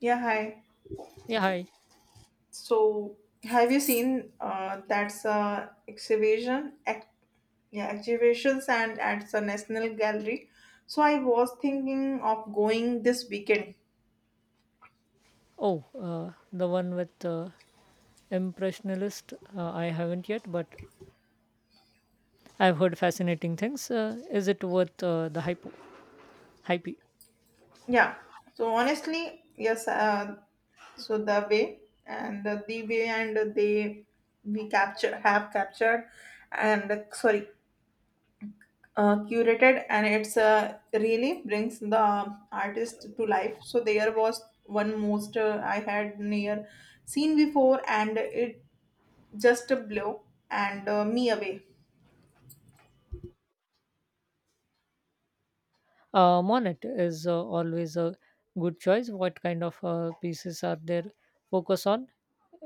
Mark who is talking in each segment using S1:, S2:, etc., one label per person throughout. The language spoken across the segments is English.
S1: Yeah, hi.
S2: Yeah, hi.
S1: So, have you seen that's exhibition ex- yeah, exhibitions and at the National Gallery? So, I was thinking of going this weekend.
S2: Oh, the one with Impressionist. I haven't yet, but I've heard fascinating things. Is it worth the hype? Hype.
S1: Yeah. So, honestly, yes. So the way and the way and they we capture have captured and sorry curated and it's really brings the artist to life. So there was one most I had near seen before and it just blew and me away.
S2: Monet is always a good choice. What kind of pieces are there focus on?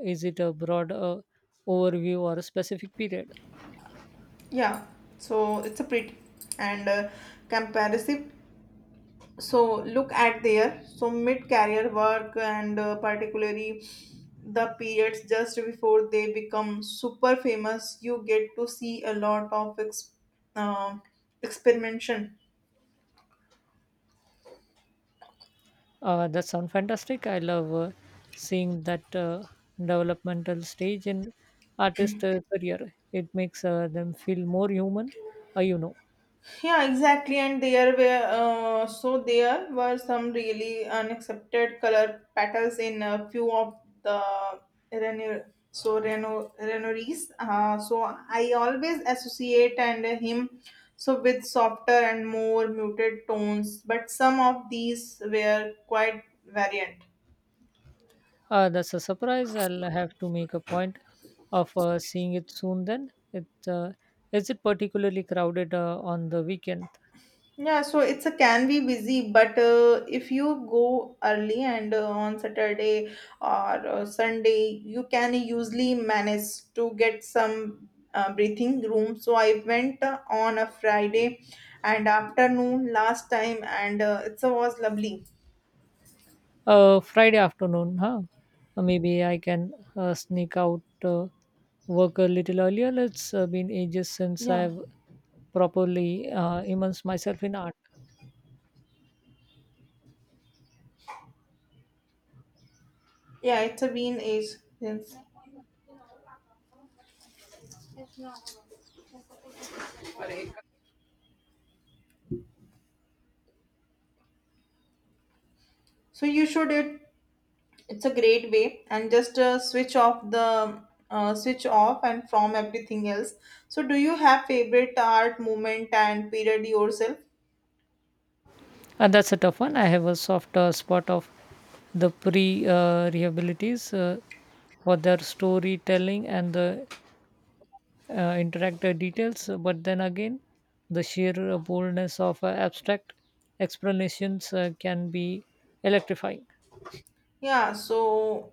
S2: Is it a broad overview or a specific period?
S1: Yeah, so it's a pretty and comparative, so look at there so mid career work and particularly the periods just before they become super famous. You get to see a lot of uh, experimentation.
S2: That sounds fantastic. I love seeing that developmental stage in artist career. It makes them feel more human. Uh, you know,
S1: Yeah, exactly. And there were so there were some really unaccepted color patterns in a few of the Reno, Reno Renoirs. So I always associate and him so with softer and more muted tones, but some of these were quite variant.
S2: that's a surprise. I'll have to make a point of seeing it soon. Then it is it particularly crowded on the weekend?
S1: Yeah, so it's a can be busy, but if you go early and on Saturday or Sunday, you can usually manage to get some breathing room. So I went on a Friday and afternoon last time, and it was lovely.
S2: Friday afternoon, huh? Maybe I can sneak out. Work a little earlier. It's been ages since
S1: Yeah,
S2: I've properly immersed myself in art.
S1: yeah, it's a been age since. So you should it it's a great way and just switch off the switch off and from everything else. So do you have favorite art movement and period yourself?
S2: And that's a tough one. I have a soft spot of the pre rehabilities for their storytelling and the interactive details. But then again, the sheer boldness of abstract explanations can be electrifying.
S1: Yeah, so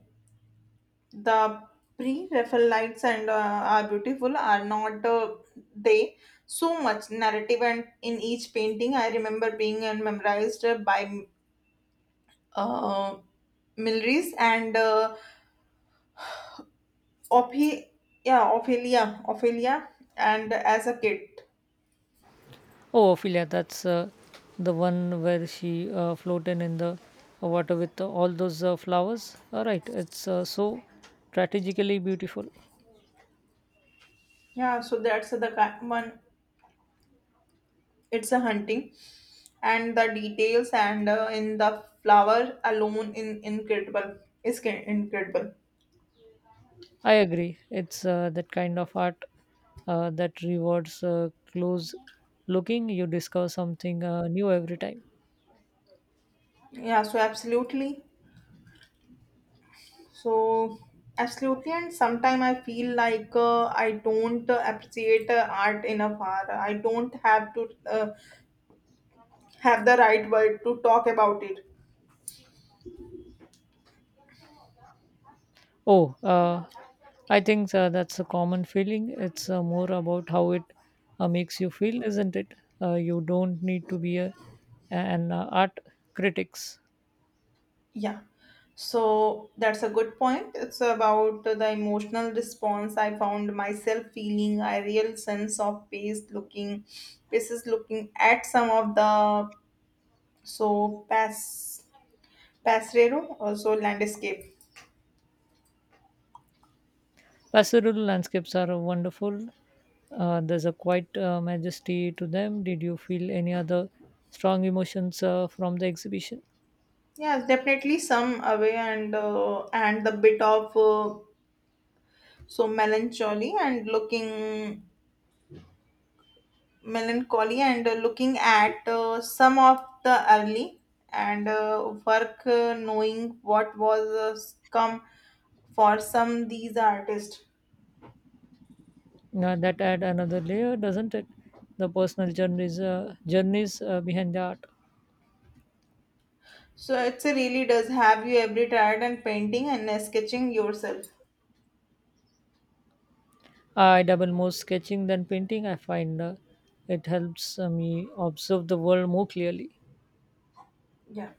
S1: the pre Raphaelites and are beautiful are not they so much narrative and in each painting I remember being and memorized by uh, Milris and Ophi, yeah, Ophelia, and as a kid.
S2: Oh, Ophelia, that's the one where she floated in the water with all those flowers. All right, it's so strategically beautiful.
S1: Yeah, so that's the one. It's a hunting, and the details and in the flower alone in incredible incredible.
S2: I agree. It's that kind of art that rewards close looking. You discover something new every time.
S1: Yeah, so absolutely, so and sometime I feel like I don't appreciate art enough. Or I don't have to have the right word to talk about it.
S2: Oh, I think that's a common feeling. It's more about how it makes you feel, isn't it? You don't need to be a, an art critics.
S1: Yeah. So that's a good point. It's about the emotional response. I found myself feeling a real sense of paces looking at some of the so passerero also landscape.
S2: Pastoral landscapes are wonderful. There's a quite majesty to them. Did you feel any other strong emotions from the exhibition?
S1: Yes, definitely some away and the bit of so melancholy and looking at some of the early and work knowing what was come for some these artists.
S2: Now that add another layer, doesn't it? The personal journeys behind the art.
S1: So it's a really does, have you every tired and painting and sketching yourself?
S2: I double more sketching than painting. I find it helps me observe the world more clearly.
S1: Yeah,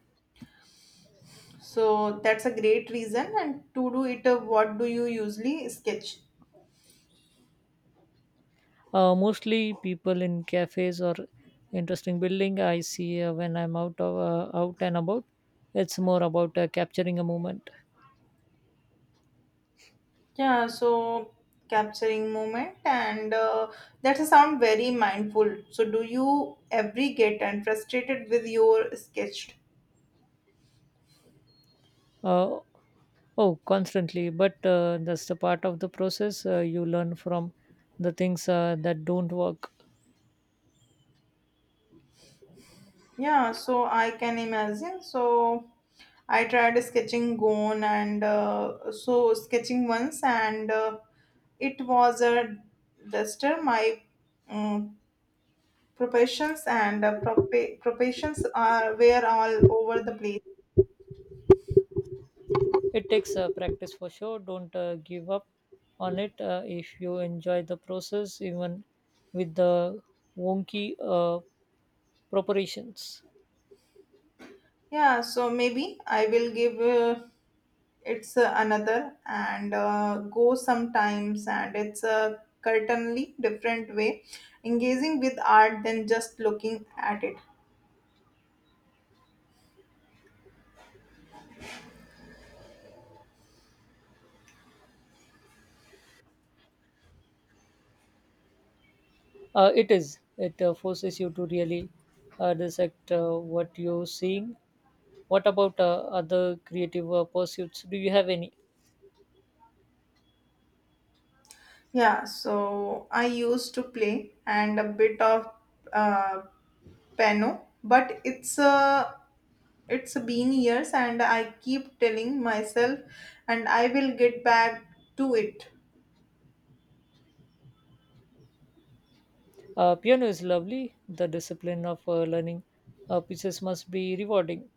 S1: so that's a great reason and to do it. Uh, what do you usually sketch?
S2: Mostly people in cafes or interesting building I see when I'm out of, out and about. It's more about capturing a moment.
S1: Yeah, so capturing moment and that's a sound very mindful. So do you every get and frustrated with your sketch?
S2: Uh, oh, constantly, but that's the part of the process. You learn from the things that don't work.
S1: Yeah, so I can imagine. So I tried sketching gone and so sketching once and it was a duster. My um, proportions and proportions are were all over the place.
S2: It takes practice for sure. Don't give up on it. If you enjoy the process, even with the wonky preparations,
S1: Yeah, so maybe I will give it's another and go sometimes and it's a certainly different way engaging with art than just looking at it.
S2: it is. It forces you to really dissect what you're seeing. What about other creative pursuits? Do you have any?
S1: Yeah, so I used to play and a bit of uh, piano, but it's been years, and I keep telling myself, and I will get back to it.
S2: Piano is lovely. The discipline of learning pieces must be rewarding.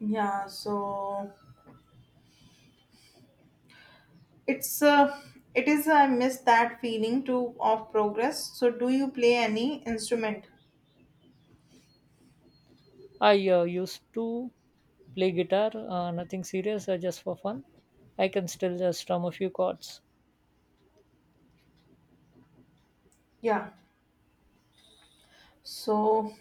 S1: Yeah, so it's uh, it is I miss that feeling too of progress. So do you play any instrument?
S2: I used to play guitar, nothing serious, just for fun. I can still strum a few chords.
S1: Yeah, so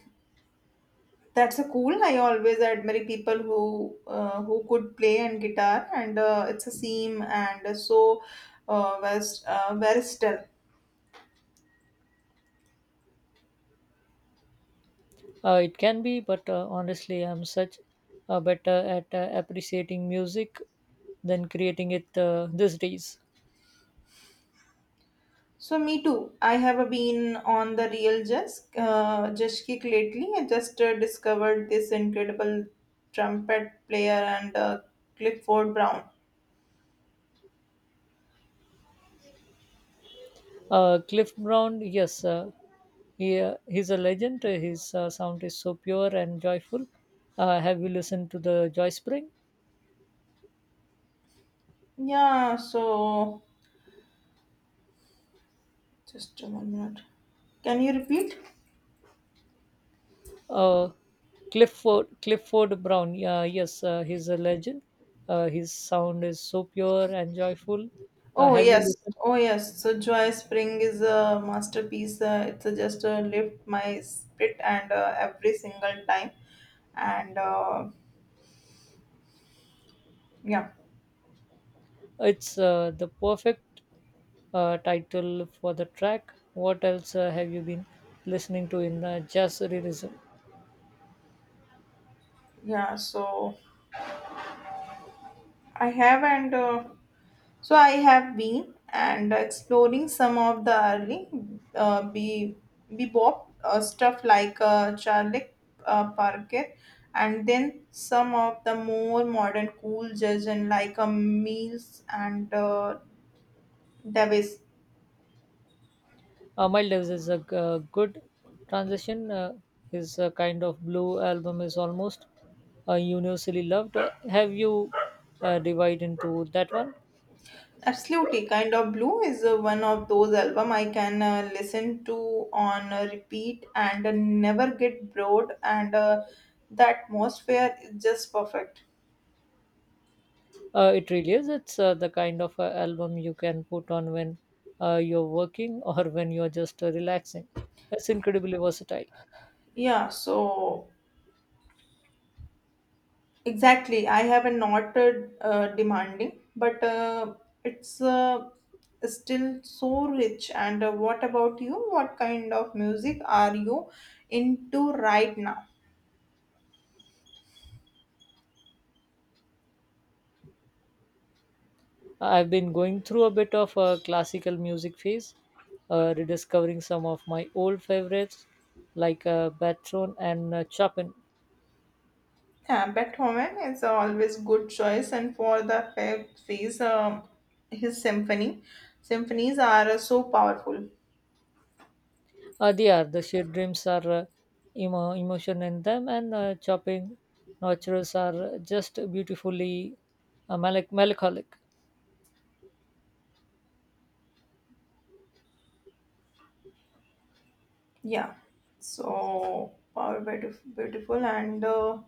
S1: that's a cool. I always admire people who could play and guitar, and it's a seam and so versatile.
S2: It can be, but honestly, I'm such better at appreciating music than creating it these days.
S1: So me too. I have been on the real jazz kick lately. I just discovered this incredible trumpet player and Clifford Brown.
S2: Cliff Brown, yes, he's a legend. His sound is so pure and joyful. Have you listened to the Joy Spring?
S1: Yeah. So just 1 minute. Can you repeat?
S2: uh, Clifford Brown. Yeah, yes, he's a legend. His sound is so pure and joyful.
S1: Oh
S2: Have you
S1: yes,
S2: listened?
S1: oh yes. So Joy Spring is a masterpiece. It's just lift my spirit and every single time, and yeah,
S2: It's the perfect title for the track. What else have you been listening to in jazz realism?
S1: yeah. So I have and I have been and exploring some of the early be bebop stuff like Charlie Parker, and then some of the more modern cool jazz and like Mills and Davis.
S2: Miles Davis is a good transition. His kind of blue album is almost universally loved. Have you divided into that one?
S1: Absolutely, Kind of Blue is one of those album I can listen to on repeat and never get bored, and the atmosphere is just perfect.
S2: It really is. It's the kind of album you can put on when you're working or when you're just relaxing. It's incredibly versatile.
S1: Yeah, so exactly, I have a not demanding, but it's still so rich. And what about you? What kind of music are you into right now?
S2: I've been going through a bit of a classical music phase, rediscovering some of my old favorites like Batron and Chopin.
S1: Yeah, Beethoven is always good choice, and for the fifth phase, his symphony, symphonies are so powerful.
S2: They are the shared dreams are emotion in them, and Chopin nocturnes are just beautifully melancholic.
S1: Yeah, so power beautiful, and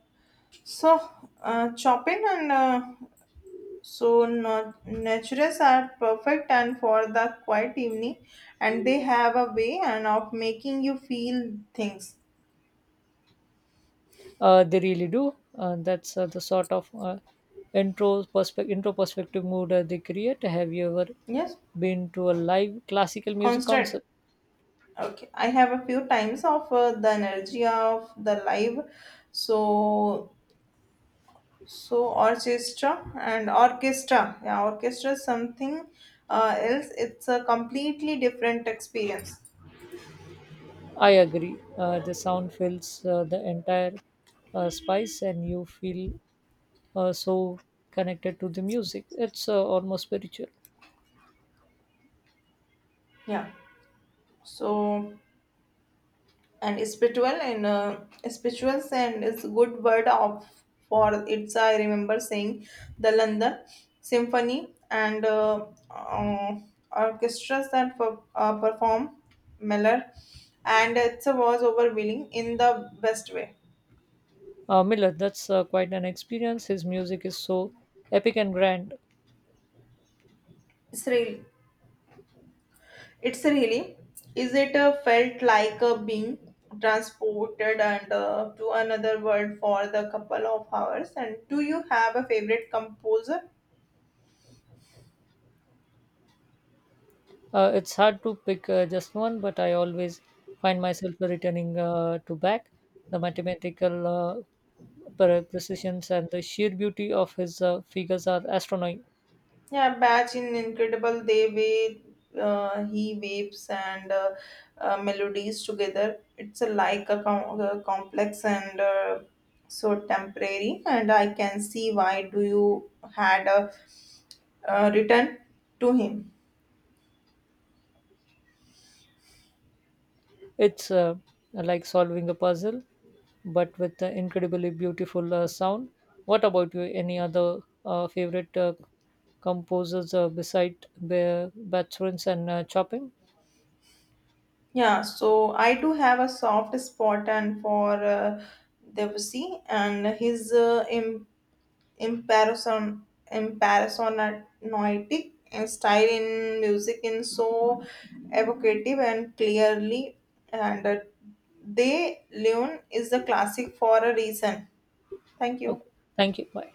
S1: so Chopin and so natures are perfect, and for the quiet evening, and they have a way and of making you feel things.
S2: They really do. That's the sort of intro perspective mood they create. Have you ever
S1: Yes,
S2: been to a live classical music
S1: constant.
S2: concert?
S1: Okay, I have a few times of the energy of the live, so orchestra. Yeah, orchestra is something else. It's a completely different experience.
S2: I agree. The sound fills the entire space, and you feel so connected to the music. It's almost spiritual.
S1: Yeah. So and spiritual and it's a good word of for it's I remember saying the london symphony and uh, orchestras that perform Miller, and it was overwhelming in the best way.
S2: Miller, that's quite an experience. His music is so epic and grand.
S1: It's really it's really is it felt like being transported and to another world for the couple of hours. And do you have a favorite composer?
S2: It's hard to pick just one, but I always find myself returning to Bach. The mathematical precisions and the sheer beauty of his figures are astronomical.
S1: Yeah, Batch in incredible they way he waves and melodies together. It's a, like a, a complex and so temporary, and I can see why do you had a written to him.
S2: It's like solving a puzzle, but with the incredibly beautiful sound. What about you? Any other favorite composers beside Beethoven and Chopin?
S1: Yeah, so I do have a soft spot and for Debussy and his im- imparison imparsonatic style in music in so evocative and clearly and they leon is the classic for a reason. Thank you.
S2: Okay. Thank you. Bye.